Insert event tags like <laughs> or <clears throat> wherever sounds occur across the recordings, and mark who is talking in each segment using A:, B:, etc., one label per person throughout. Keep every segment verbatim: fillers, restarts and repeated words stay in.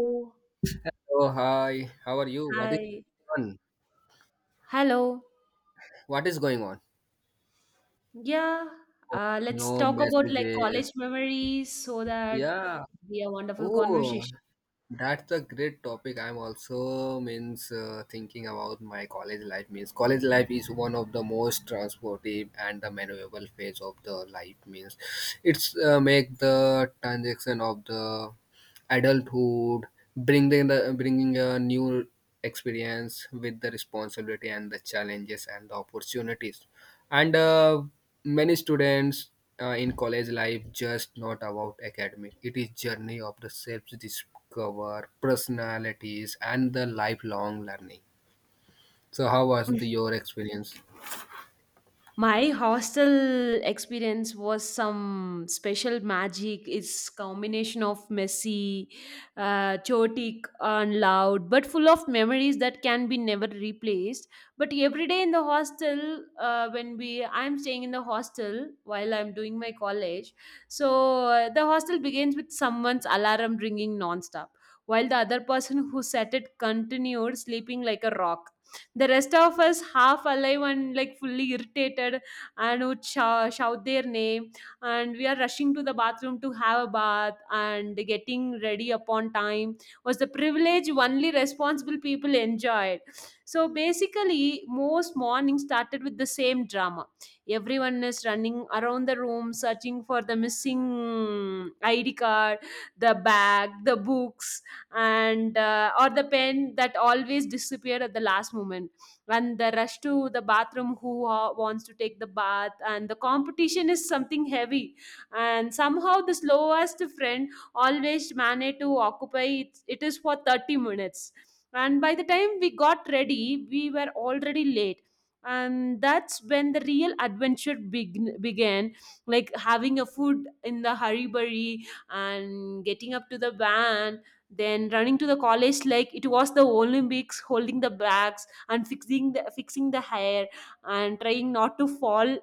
A: Oh,
B: Oh, hi. How are you? What is
A: hi.
B: on?
A: Hello.
B: What is going on?
A: Yeah.
B: Oh,
A: Uh, let's
B: no
A: talk about like college
B: messages.
A: memories so that
B: Yeah.
A: it'd be a wonderful
B: Oh,
A: conversation.
B: that's a great topic. I'm also means uh, thinking about my college life. Means college life is one of the most transportive and the memorable phase of the life. Means it's uh, make the transaction of the adulthood, bringing the bringing a new experience with the responsibility and the challenges and the opportunities, and uh, many students, uh, in college life just not about academic, it is journey of the self discover personalities and the lifelong learning. So how was the, your experience?
A: My hostel experience was some special magic. It's combination of messy, uh, chaotic and loud, but full of memories that can be never replaced. But every day in the hostel, uh, when we I'm staying in the hostel while I'm doing my college, so uh, the hostel begins with someone's alarm ringing nonstop, while the other person who set it continued sleeping like a rock, the rest of us, half alive and like fully irritated, and would shou- shout their name. And we are rushing to the bathroom to have a bath, and getting ready upon time was the privilege only responsible people enjoyed. So basically, most mornings started with the same drama. Everyone is running around the room searching for the missing I D card, the bag, the books, and uh, or the pen that always disappeared at the last moment, and the rush to the bathroom who uh, wants to take the bath, and the competition is something heavy, and somehow the slowest friend always managed to occupy it, it is for thirty minutes, and by the time we got ready we were already late, and that's when the real adventure beg- began, like having a food in the hurry and getting up to the van, then running to the college like it was the Olympics, holding the bags and fixing the fixing the hair and trying not to fall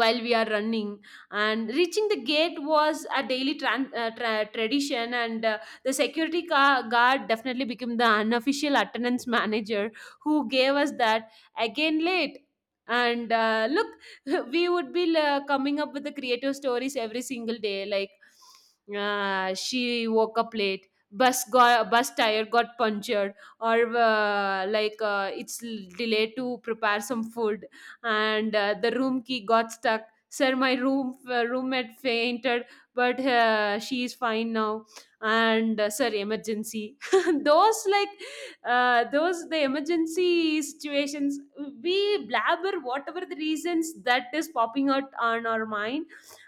A: while we are running, and reaching the gate was a daily tran- uh, tra- tradition. And uh, The security car- guard definitely became the unofficial attendance manager who gave us that again late. And uh, look, <laughs> we would be uh, coming up with the creative stories every single day, like uh, she woke up late, bus got bus tire got punctured, or uh, like uh, it's l- delayed to prepare some food, and uh, the room key got stuck. Sir, my room uh, roommate fainted, but uh, she is fine now. And uh, sir, emergency. <laughs> Those like uh, those the emergency situations. We blabber whatever the reasons that is popping out on our mind,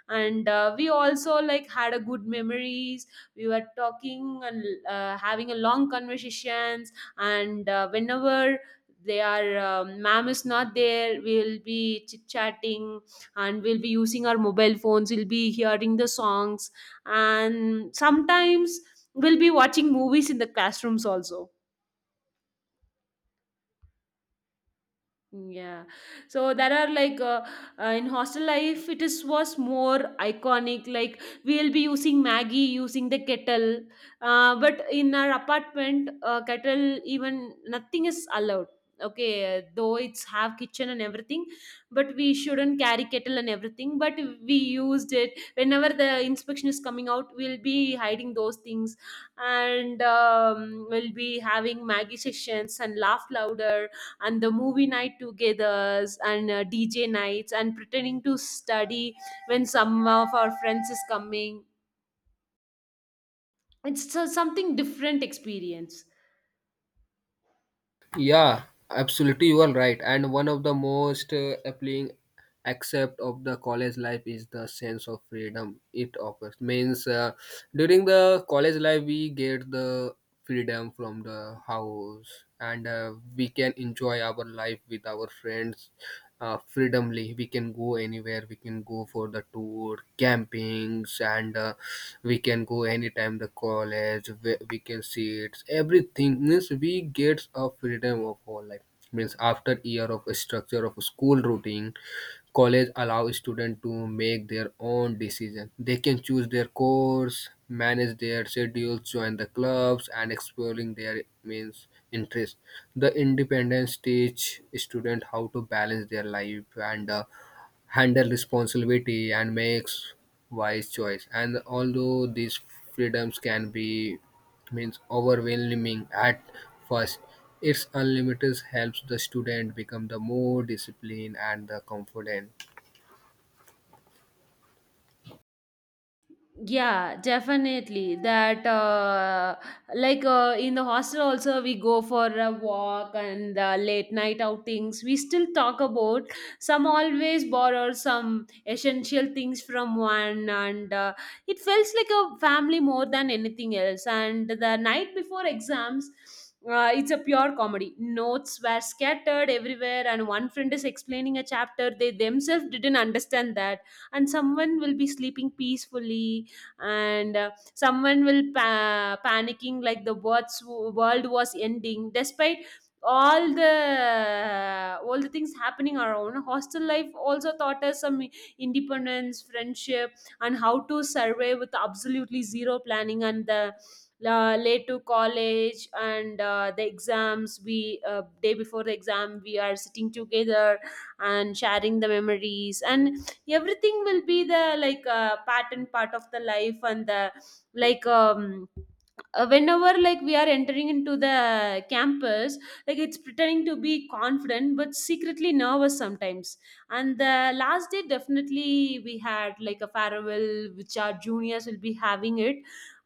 A: and uh, we also like had a good memories. We were talking and uh, having a long conversations, and uh, whenever their um, ma'am is not there, we'll be chit chatting, and we'll be using our mobile phones, we'll be hearing the songs, and sometimes we'll be watching movies in the classrooms also. Yeah. So there are like uh, uh, in hostel life, it is was more iconic. Like we'll be using Maggie, using the kettle. Uh, but in our apartment, uh, kettle, even nothing is allowed. Okay, uh, though it's have kitchen and everything, but we shouldn't carry kettle and everything. But we used it whenever the inspection is coming out. We'll be hiding those things, and um, we'll be having Maggie sessions and laugh louder, and the movie night togethers, and uh, DJ nights, and pretending to study when some of our friends is coming. It's so- something different experience.
B: Yeah, absolutely, you are right, and one of the most uh, appealing accept of the college life is the sense of freedom it offers. Means uh, during the college life we get the freedom from the house, and uh, we can enjoy our life with our friends. Uh, freedomly we can go anywhere, we can go for the tour campings, and uh, we can go anytime the college. We, we can see it everything, means we get a freedom of our life. Means after year of structure of school routine, college allow students to make their own decision. They can choose their course, manage their schedules, join the clubs, and exploring their means interests. The independence teach students how to balance their life and uh, handle responsibility and makes wise choice. And although these freedoms can be means overwhelming at first, its unlimited helps the student become the more disciplined and the confident.
A: Yeah, definitely. That uh, like uh, In the hostel also we go for a walk and uh, late night outings. We still talk about some, always borrow some essential things from one, and uh, it feels like a family more than anything else. And the night before exams, Uh, it's a pure comedy. Notes were scattered everywhere, and one friend is explaining a chapter they themselves didn't understand that, and someone will be sleeping peacefully, and uh, someone will pa- panicking like the world's world was ending. Despite all the all the things happening around, hostel life also taught us some independence, friendship, and how to survey with absolutely zero planning. And the uh, late to college, and uh, the exams, we uh, day before the exam we are sitting together and sharing the memories, and everything will be the like uh, pattern part of the life. And the like um uh, whenever like we are entering into the campus, like it's pretending to be confident but secretly nervous sometimes. And the last day definitely we had like a farewell which our juniors will be having it.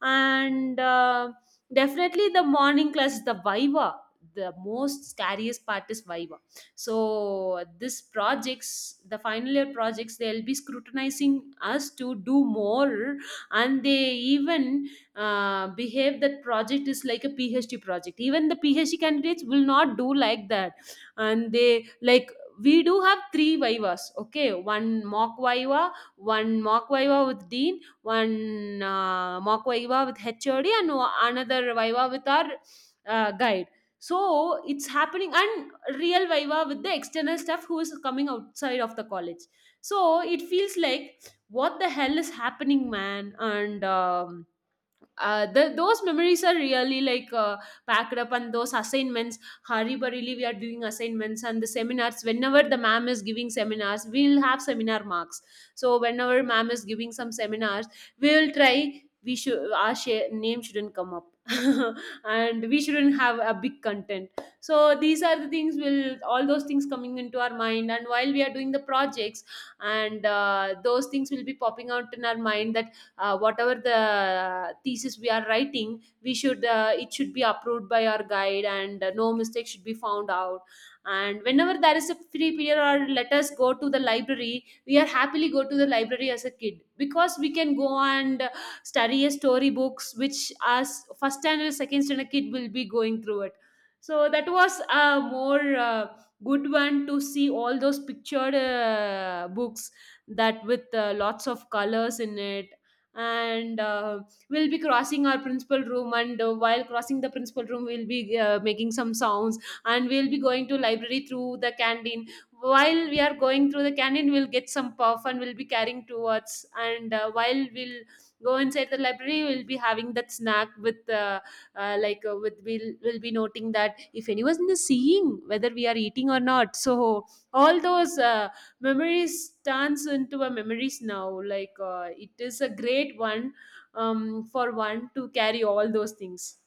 A: And uh, definitely the morning class is the viva, the most scariest part is viva. So this projects, the final year projects, they'll be scrutinizing us to do more, and they even uh, behave that project is like a phd project, even the phd candidates will not do like that. And they like, we do have three vivas. Okay, one mock viva, one mock viva with dean, one uh, mock viva with hod, and o- another viva with our uh, guide. So it's happening. And real viva with the external staff who is coming outside of the college. So it feels like, what the hell is happening, man. And um, uh, the, those memories are really like uh, packed up. And those assignments hari barili, we are doing assignments and the seminars, whenever the ma'am is giving seminars we'll have seminar marks. So whenever ma'am is giving some seminars, we will try we should our share, name shouldn't come up, <laughs> and we shouldn't have a big content. So these are the things, will all those things coming into our mind, and while we are doing the projects and uh, those things will be popping out in our mind that uh, whatever the thesis we are writing, we should uh, it should be approved by our guide, and uh, no mistake should be found out. And whenever there is a free period, or let us go to the library, we are happily go to the library as a kid, because we can go and uh, study a story books which as first standard second standard kid will be going through it. So that was a more uh, good one to see all those pictured uh, books, that with uh, lots of colors in it. And uh, we'll be crossing our principal room, and uh, while crossing the principal room we'll be uh, making some sounds, and we'll be going to library through the canteen. While we are going through the canteen, we'll get some puff, and we'll be carrying towards. And uh, while we'll go inside the library, we'll be having that snack with uh, uh, like uh, with we'll, we'll be noting that if anyone is seeing whether we are eating or not. So all those uh, memories turns into a memories now. Like uh, it is a great one, um, for one to carry all those things.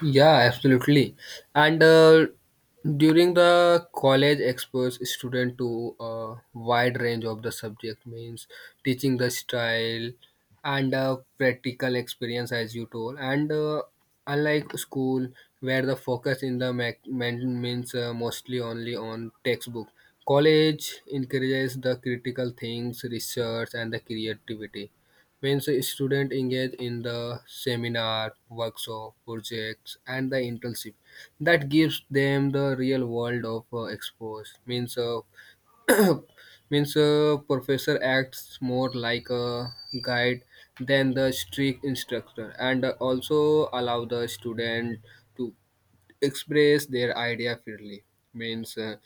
B: Yeah, absolutely. And uh, during the college expose student to a wide range of the subject, means teaching the style and uh, practical experience as you told. And uh, unlike school where the focus in the mac- men- means uh, mostly only on textbook, college encourages the critical things, research, and the creativity. Means students engage in the seminar workshop projects and the internship that gives them the real world of uh, expose. Means uh, <clears throat> means uh, professor acts more like a guide than the strict instructor, and uh, also allow the student to express their idea freely. Means uh,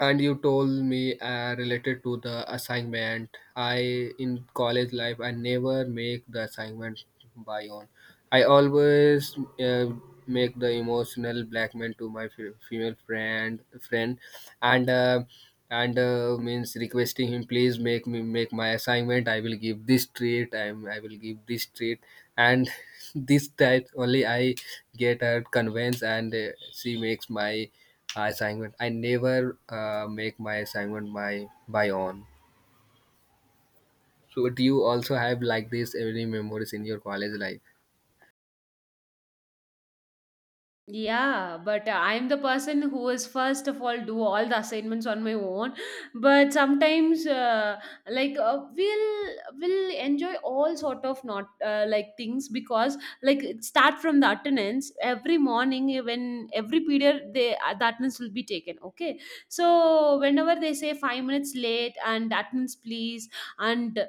B: and you told me uh, related to the assignment, I in college life I never make the assignment by own. I always uh, make the emotional blackmail to my fe- female friend friend, and uh, and uh, means requesting him, please make me make my assignment, I will give this treat, i am I will give this treat. And <laughs> this type only I get her convinced, and uh, she makes my assignment. I never uh, make my assignment my by own. So do you also have like this any memories in your college life?
A: Yeah, but uh, I'm the person who is first of all do all the assignments on my own. But sometimes, uh, like uh, we'll we will enjoy all sort of not uh, like things, because like it start from the attendance every morning, when every period they uh, the attendance will be taken. Okay, so whenever they say five minutes late and attendance please. and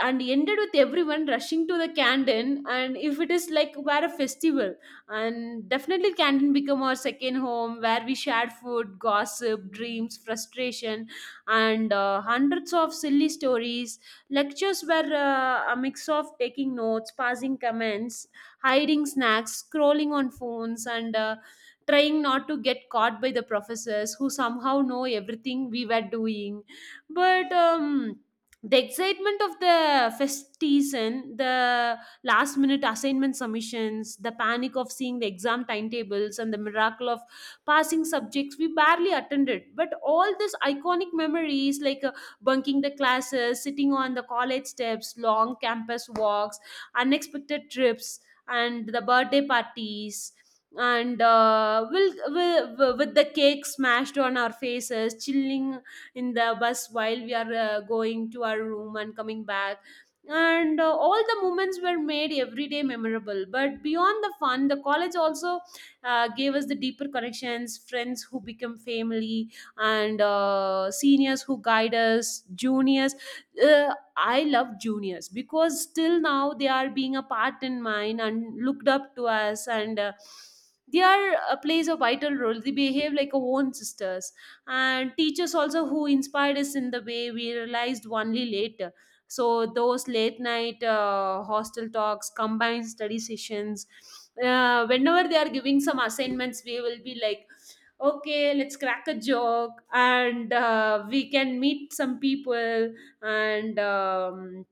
A: and ended with everyone rushing to the canteen, and if it is like where a festival. And definitely canteen become our second home where we shared food, gossip, dreams, frustration, and uh, hundreds of silly stories. Lectures were uh, a mix of taking notes, passing comments, hiding snacks, scrolling on phones, and uh, trying not to get caught by the professors, who somehow know everything we were doing. But um the excitement of the fest season, the last minute assignment submissions, the panic of seeing the exam timetables, and the miracle of passing subjects we barely attended. But all these iconic memories, like uh, bunking the classes, sitting on the college steps, long campus walks, unexpected trips, and the birthday parties and uh, will will with the cake smashed on our faces, chilling in the bus while we are uh, going to our room and coming back, and uh, all the moments were made every day memorable. But beyond the fun, the college also uh, gave us the deeper connections, friends who become family, and uh, seniors who guide us juniors. Uh, i love juniors because still now they are being a part in mine and looked up to us, and uh, they are uh, plays a vital role, they behave like our own sisters. And teachers also who inspired us in the way we realized only later. So those late night uh, hostel talks, combined study sessions, uh, whenever they are giving some assignments we will be like, okay, let's crack a joke and uh, we can meet some people. And um,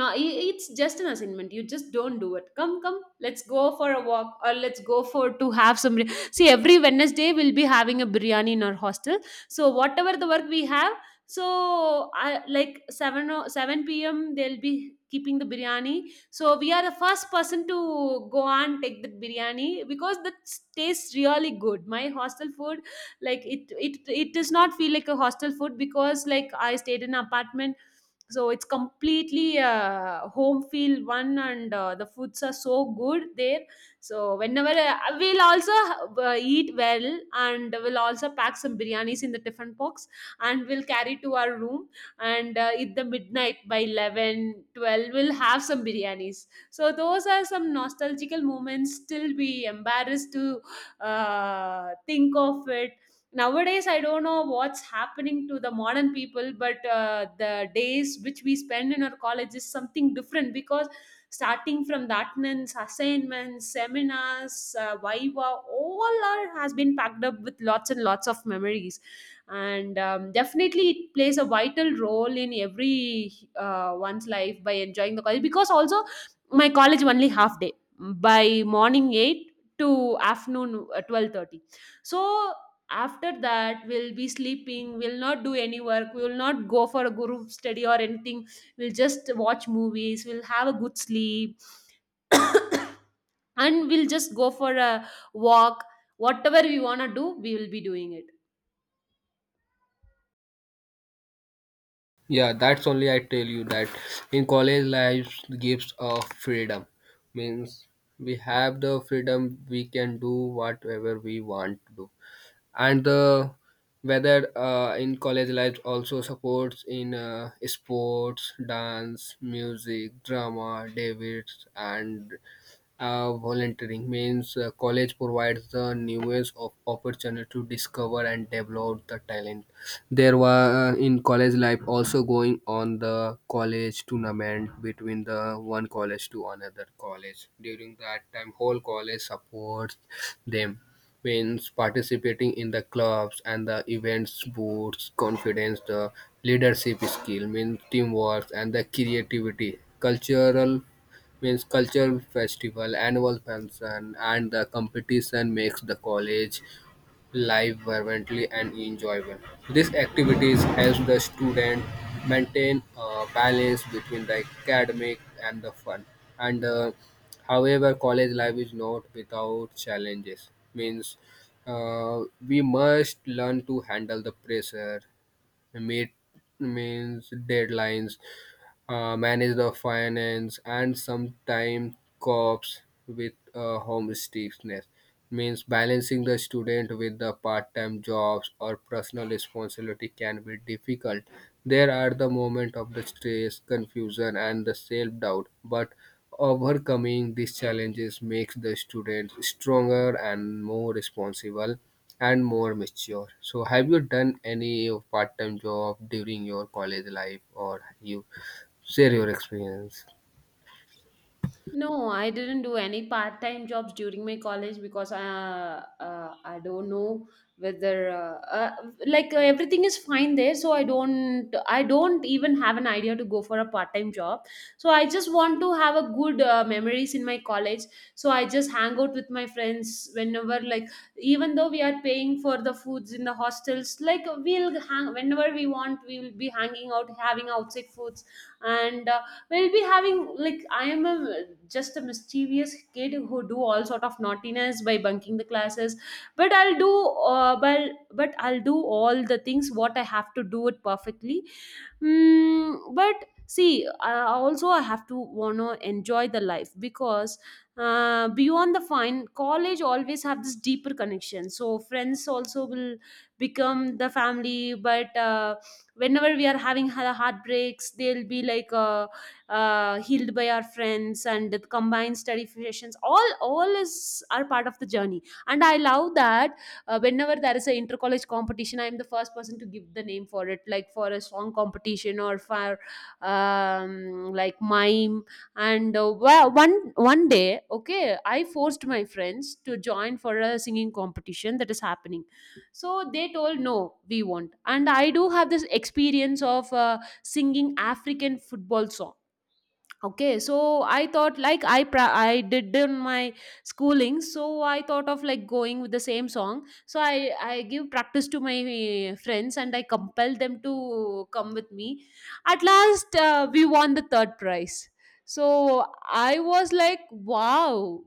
A: no, i- it's just an assignment, you just don't do it, come come, let's go for a walk, or let's go for to have some bir- see, every Wednesday we'll be having a biryani in our hostel. So whatever the work we have, so I, like seven o- seven p.m. they'll be keeping the biryani, so we are the first person to go and take the biryani because that tastes really good, my hostel food. Like it it it does not feel like a hostel food because like I stayed in an apartment, so it's completely uh, home feel one. And uh, the foods are so good there. So whenever uh, we'll also uh, eat well, and we'll also pack some biryanis in the tiffin box and we'll carry to our room. And uh, at the midnight by eleven, twelve we'll have some biryanis. So those are some nostalgical moments, still we embarrassed to uh, think of it. Nowadays I don't know what's happening to the modern people, but uh, the days which we spend in our college is something different because starting from the attendance, assignments, seminars, uh, viva, all are, has been packed up with lots and lots of memories. And um, definitely it plays a vital role in every uh, one's life by enjoying the college. Because also my college only half day, by morning eight to afternoon uh, twelve thirty. So after that we'll be sleeping, we'll not do any work, we will not go for a group study or anything, we'll just watch movies, we'll have a good sleep, and we'll just go for a walk. Whatever we want to do we will be doing it.
B: Yeah, that's only I tell you that in college life gives a freedom. Means we have the freedom, we can do whatever we want to do. And the whether uh, in college life also supports in uh, sports, dance, music, drama, debates, and Uh, volunteering. Means uh, college provides the newest of opportunity to discover and develop the talent. There were uh, in college life also going on the college tournament between the one college to another college. During that time, whole college supports them. Means participating in the clubs and the events boosts confidence, the leadership skill, means teamwork and the creativity. Cultural means cultural festival, annual function, and the competition makes the college life vibrantly and enjoyable. These activities help the student maintain a balance between the academic and the fun. And uh, however, college life is not without challenges. Means uh, we must learn to handle the pressure, meet means deadlines, uh, manage the finance, and sometimes cops with uh, homesickness. Means balancing the student with the part-time jobs or personal responsibility can be difficult. There are the moment of the stress, confusion, and the self-doubt, but overcoming these challenges makes the student stronger and more responsible and more mature. So, have you done any part time job during your college life, or you share your experience?
A: No, I didn't do any part-time jobs during my college because I, uh, uh, I don't know whether uh, uh, like uh, everything is fine there, so I don't I don't even have an idea to go for a part-time job. So I just want to have a good uh, memories in my college. So I just hang out with my friends whenever, like, even though we are paying for the foods in the hostels, like we'll hang whenever we want. We will be hanging out, having outside foods and. Uh, we'll be having, like, I am a just a mischievous kid who do all sort of naughtiness by bunking the classes. But I'll do uh, but but I'll do all the things what I have to do it perfectly. Mm, but see, I also i have to wanna enjoy the life because uh, beyond the fine college always have this deeper connection, so friends also will become the family. But uh, whenever we are having ha- heartbreaks, they'll be like uh, uh, healed by our friends. And the combined study sessions, all all is are part of the journey and I love that. Uh, whenever there is an inter college competition, I am the first person to give the name for it, like for a song competition or for um, like mime. And uh, wa- one one day okay, I forced my friends to join for a singing competition that is happening. So they told no, we won't, and I do have this experience of uh, singing African football song. Okay, so I thought like I pra- I did in my schooling, so I thought of like going with the same song. So I I give practice to my eh, friends and I compel them to come with me. At last, uh, we won the third prize. So I was like, wow,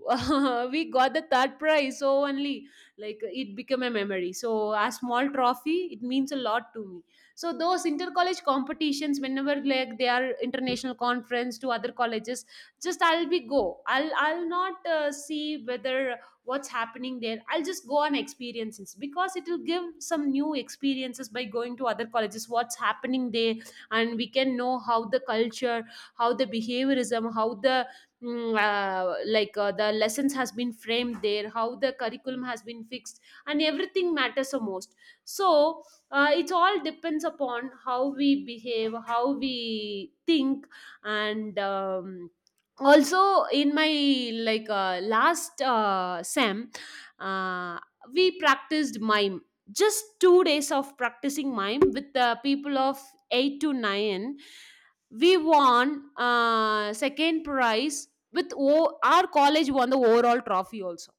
A: <laughs> we got the third prize. So only like it became a memory. So a small trophy, it means a lot to me. So those inter-college competitions, whenever like they are international conference to other colleges, just I'll be go I'll I'll not uh, see whether what's happening there, I'll just go on experiences because it will give some new experiences by going to other colleges, what's happening there. And we can know how the culture, how the behaviorism, how the mm, uh, like uh, the lessons has been framed there, how the curriculum has been fixed and everything matters the most. So uh, it all depends upon how we behave, how we think. And um, also in my, like uh, last uh, sem, uh, we practiced mime, just two days of practicing mime with the people of eight to nine, we won uh, second prize, with o- our college won the overall trophy also.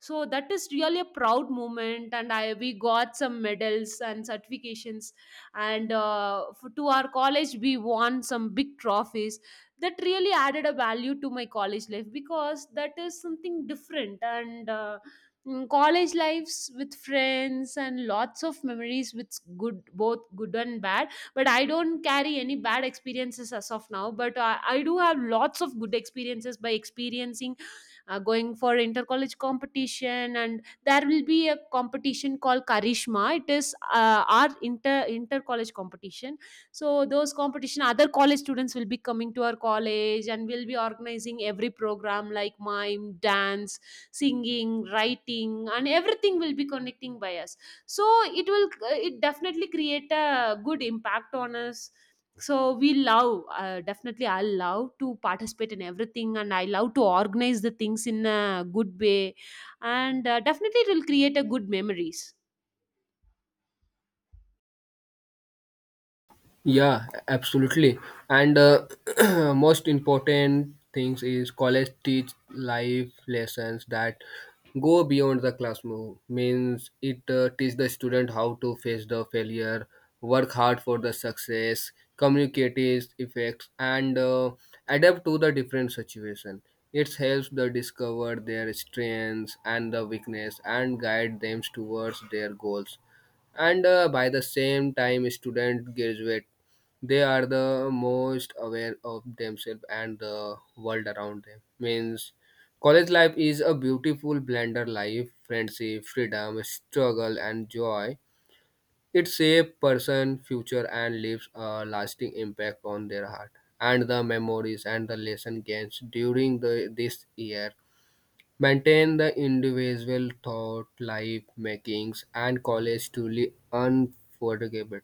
A: So that is really a proud moment, and I we got some medals and certifications. And uh, f- to our college we won some big trophies. That really added a value to my college life because that is something different. And uh, mm, college lives with friends and lots of memories with good both good and bad. But I don't carry any bad experiences as of now, but uh, I do have lots of good experiences by experiencing uh, going for inter college competition. And there will be a competition called Karishma, it is uh, our inter inter college competition. So those competition, other college students will be coming to our college, and we'll be organizing every program like mime, dance, singing, writing, and everything will be connecting by us. So it will, it definitely create a good impact on us. So we love, uh, definitely I love to participate in everything, and I love to organize the things in a good way. And uh, definitely it will create a good memories.
B: Yeah, absolutely. And uh, <clears throat> most important things is college teach life lessons that go beyond the classroom. Means it uh, teach the student how to face the failure, work hard for the success, communicate its effects, and uh, adapt to the different situation. It helps the discover their strengths and the weakness and guide them towards their goals, and uh, by the same time student graduate they are the most aware of themselves and the world around them. Means college life is a beautiful blender life, friendship, freedom, struggle, and joy. It shapes person future and leaves a lasting impact on their heart, and the memories and the lesson gains during the, this year maintain the individual thought life makings and college truly unforgettable.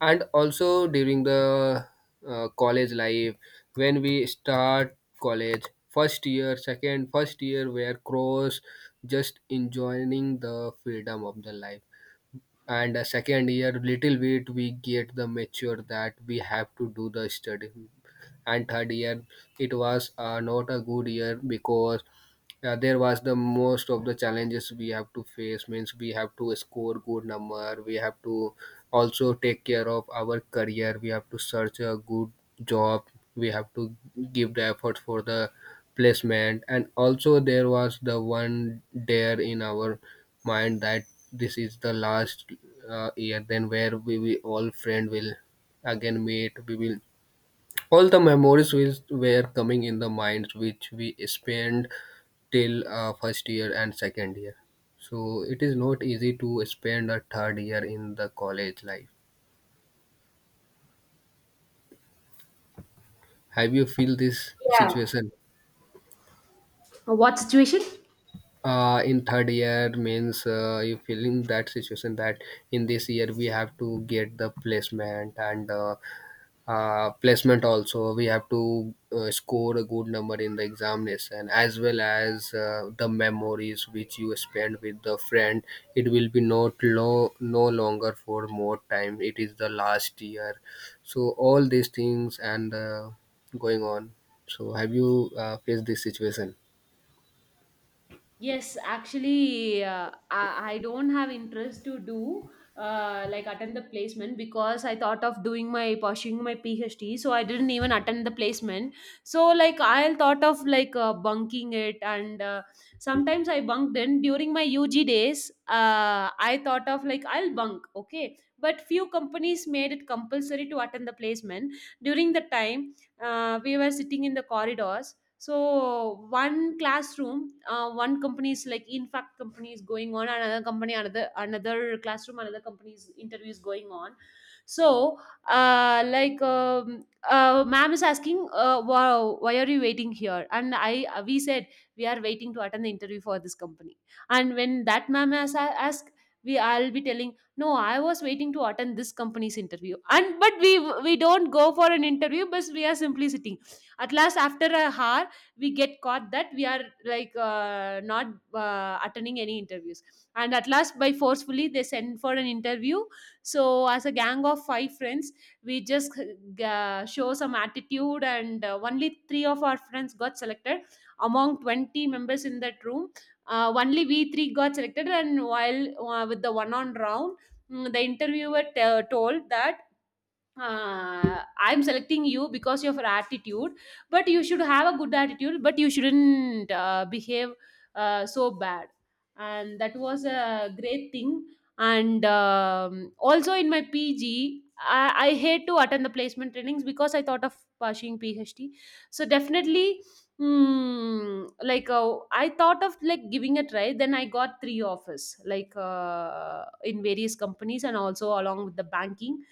B: And also during the uh, college life, when we start college first year, second first year where cross just enjoying the freedom of the life, and uh, second year little bit we get the mature that we have to do the study. And third year, it was uh, not a good year, because yeah, there was the most of the challenges we have to face. Means we have to score good number, we have to also take care of our career, we have to search a good job, we have to give the effort for the placement. And also there was the one dare in our mind that this is the last uh, year, then where we, we all friend will again meet. We will all the memories which were coming in the mind which we spent till uh, first year and second year, so it is not easy to spend a third year in the college life. Have you feel this
A: Yeah.
B: situation?
A: Uh, what situation?
B: Uh, in third year, means uh, you feeling that situation that in this year we have to get the placement, and uh, uh, placement also we have to uh, score a good number in the examination, as well as uh, the memories which you spend with the friend, it will be not lo- no longer for more time, it is the last year. So all these things and uh, going on, so have you uh, faced this situation?
A: Yes, actually, uh, I, I don't have interest to do uh, like attend the placement because I thought of doing my pursuing my P H D, so I didn't even attend the placement. So like I thought of like uh, bunking it, and uh, sometimes I bunked in during my U G days. Uh, I thought of like I'll bunk, okay, but few companies made it compulsory to attend the placement. During the time, uh, we were sitting in the corridors. So one classroom, uh, one company is, like, in fact company is going on, another company, another another classroom, another company's interview is going on. So uh, like um, uh, ma'am is asking, uh, wow, why are you waiting here? And I uh, we said we are waiting to attend the interview for this company. And when that ma'am has a- asked, we I'll be telling, no, I was waiting to attend this company's interview, and but we we don't go for an interview but we are simply sitting. At last, after a hour, we get caught that we are like uh, not uh, attending any interviews. And at last, by forcefully, they send for an interview. So as a gang of five friends, we just uh, show some attitude, and uh, only three of our friends got selected among twenty members in that room. uh, only we three got selected. And while uh, with the one on round, mm, the interviewer t- told that, uh, I'm selecting you because of your attitude, but you should have a good attitude, but you shouldn't uh, behave uh, so bad. And that was a great thing. And um, also in my P G, I, I hate to attend the placement trainings because I thought of pursuing P H D. So definitely, mm, like uh, I thought of like giving a try. Then I got three offers, like uh, in various companies and also along with the banking.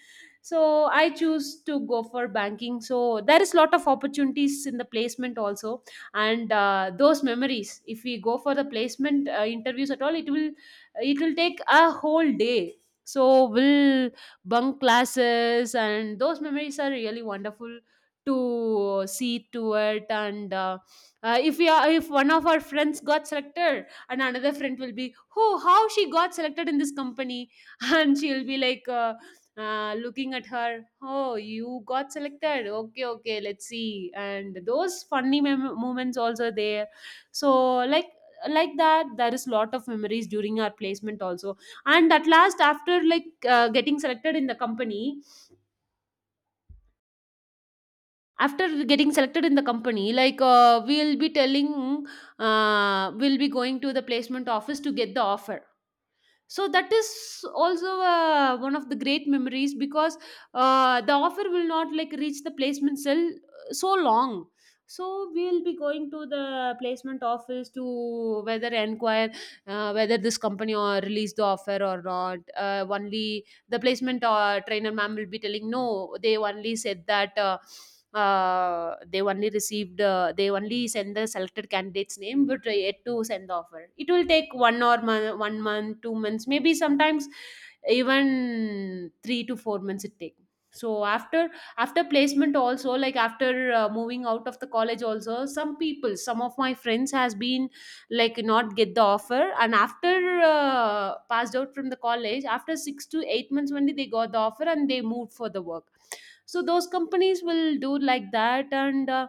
A: So I choose to go for banking. So there is lot of opportunities in the placement also. And uh, those memories if we go for the placement uh, interviews at all, it will it will take a whole day. So we'll bunk classes, and those memories are really wonderful to see to it. And uh, uh, if we are, if one of our friends got selected, and another friend will be, oh, how she got selected in this company, <laughs> and she'll be like uh, uh, looking at her, oh, you got selected. Okay, okay, let's see. And those funny mem- moments also there. So like like that, there is lot of memories during our placement also. And at last, after like uh, getting selected in the company, after getting selected in the company, like uh, we'll be telling uh, we'll be going to the placement office to get the offer. So that is also uh, one of the great memories because uh, the offer will not like reach the placement cell uh, so long. So we'll be going to the placement office to whether inquire uh, whether this company or release the offer or not. uh, only the placement uh, trainer ma'am will be telling, no, they only said that uh, uh, they only received, uh, they only send the selected candidate's name but yet to send the offer, it will take one or mon- one month two months, maybe sometimes even three to four months it take. So after, after placement also, like after uh, moving out of the college also, some people, some of my friends has been like not get the offer, and after uh, passed out from the college after six to eight months only they got the offer and they moved for the work. So those companies will do like that. And uh,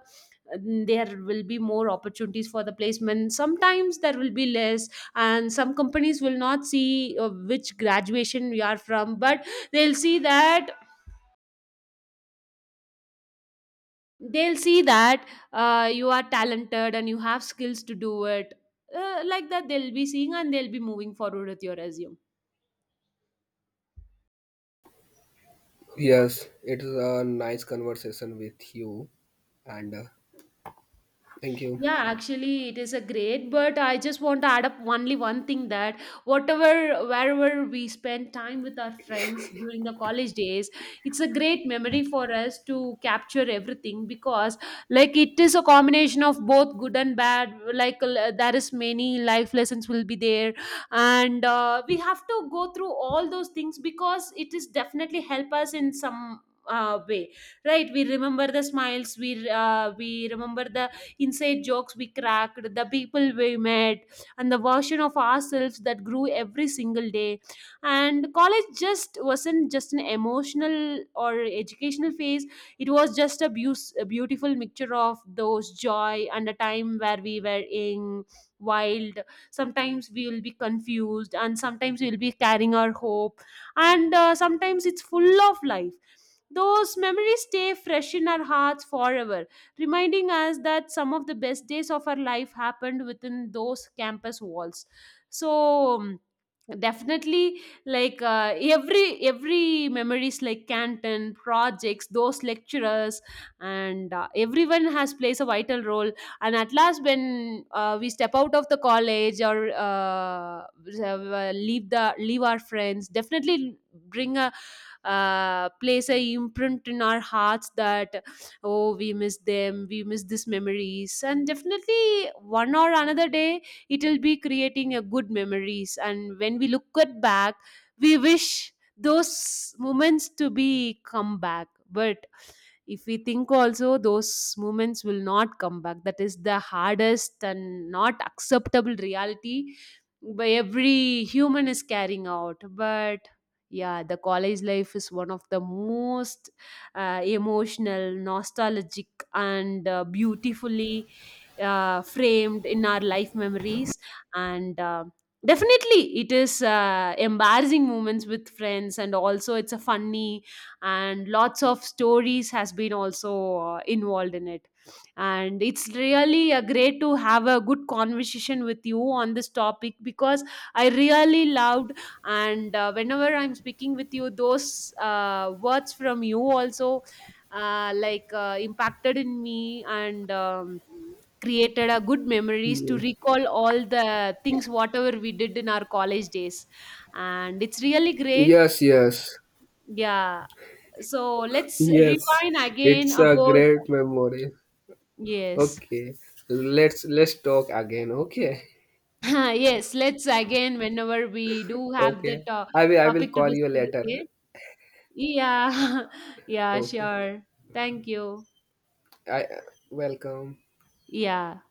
A: there will be more opportunities for the placement, sometimes there will be less. And some companies will not see uh, which graduation we are from, but they'll see that they'll see that uh, you are talented and you have skills to do it. uh, like that they'll be seeing and they'll be moving forward with your resume.
B: Yes, it is a nice conversation with you, and uh, thank you.
A: Yeah, actually, it is a great, but I just want to add up only one thing, that whatever, wherever we spend time with our friends during the college days, it's a great memory for us to capture everything. Because, like, it is a combination of both good and bad. Like, l- there is many life lessons will be there, and uh, we have to go through all those things because it is definitely help us in some uh, way, right? We remember the smiles, we uh, we remember the inside jokes we cracked, the people we met, and the version of ourselves that grew every single day. And college just wasn't just an emotional or educational phase, it was just a, beau- a beautiful mixture of those joy, and a time where we were in wild, sometimes we will be confused, and sometimes we will be carrying our hope, and uh, sometimes it's full of life. Those memories stay fresh in our hearts forever, reminding us that some of the best days of our life happened within those campus walls. So, um, definitely like uh, every every memories like canton projects, those lecturers, and uh, everyone has plays a vital role. And at last, when uh, we step out of the college, or uh, leave the leave our friends, definitely bring a, uh, place a imprint in our hearts, that oh, we miss them, we miss these memories. And definitely one or another day it will be creating a good memories. And when we look at back, we wish those moments to be come back. But if we think, also those moments will not come back, that is the hardest and not acceptable reality by every human is carrying out. But yeah, the college life is one of the most uh, emotional, nostalgic, and uh, beautifully uh, framed in our life memories. And uh, definitely it is uh, embarrassing moments with friends, and also it's a funny, and lots of stories has been also uh, involved in it. And it's really uh, great to have a good conversation with you on this topic because I really loved. And uh, whenever I'm speaking with you, those uh, words from you also uh, like uh, impacted in me. And um, created a good memories to
B: Mm.
A: recall all the things whatever we did in our college days. And it's really great.
B: Yes, yes,
A: Yeah, so let's
B: yes.
A: rewind again
B: It's a
A: about,
B: great memory.
A: yes.
B: Okay, let's let's talk again. Okay,
A: <laughs> yes, let's again whenever we do have the
B: okay.
A: to-
B: I will I will
A: topic to
B: call you
A: discuss again.
B: later.
A: Yeah. <laughs> yeah,
B: Okay.
A: sure. Thank you.
B: I uh, welcome.
A: Yeah.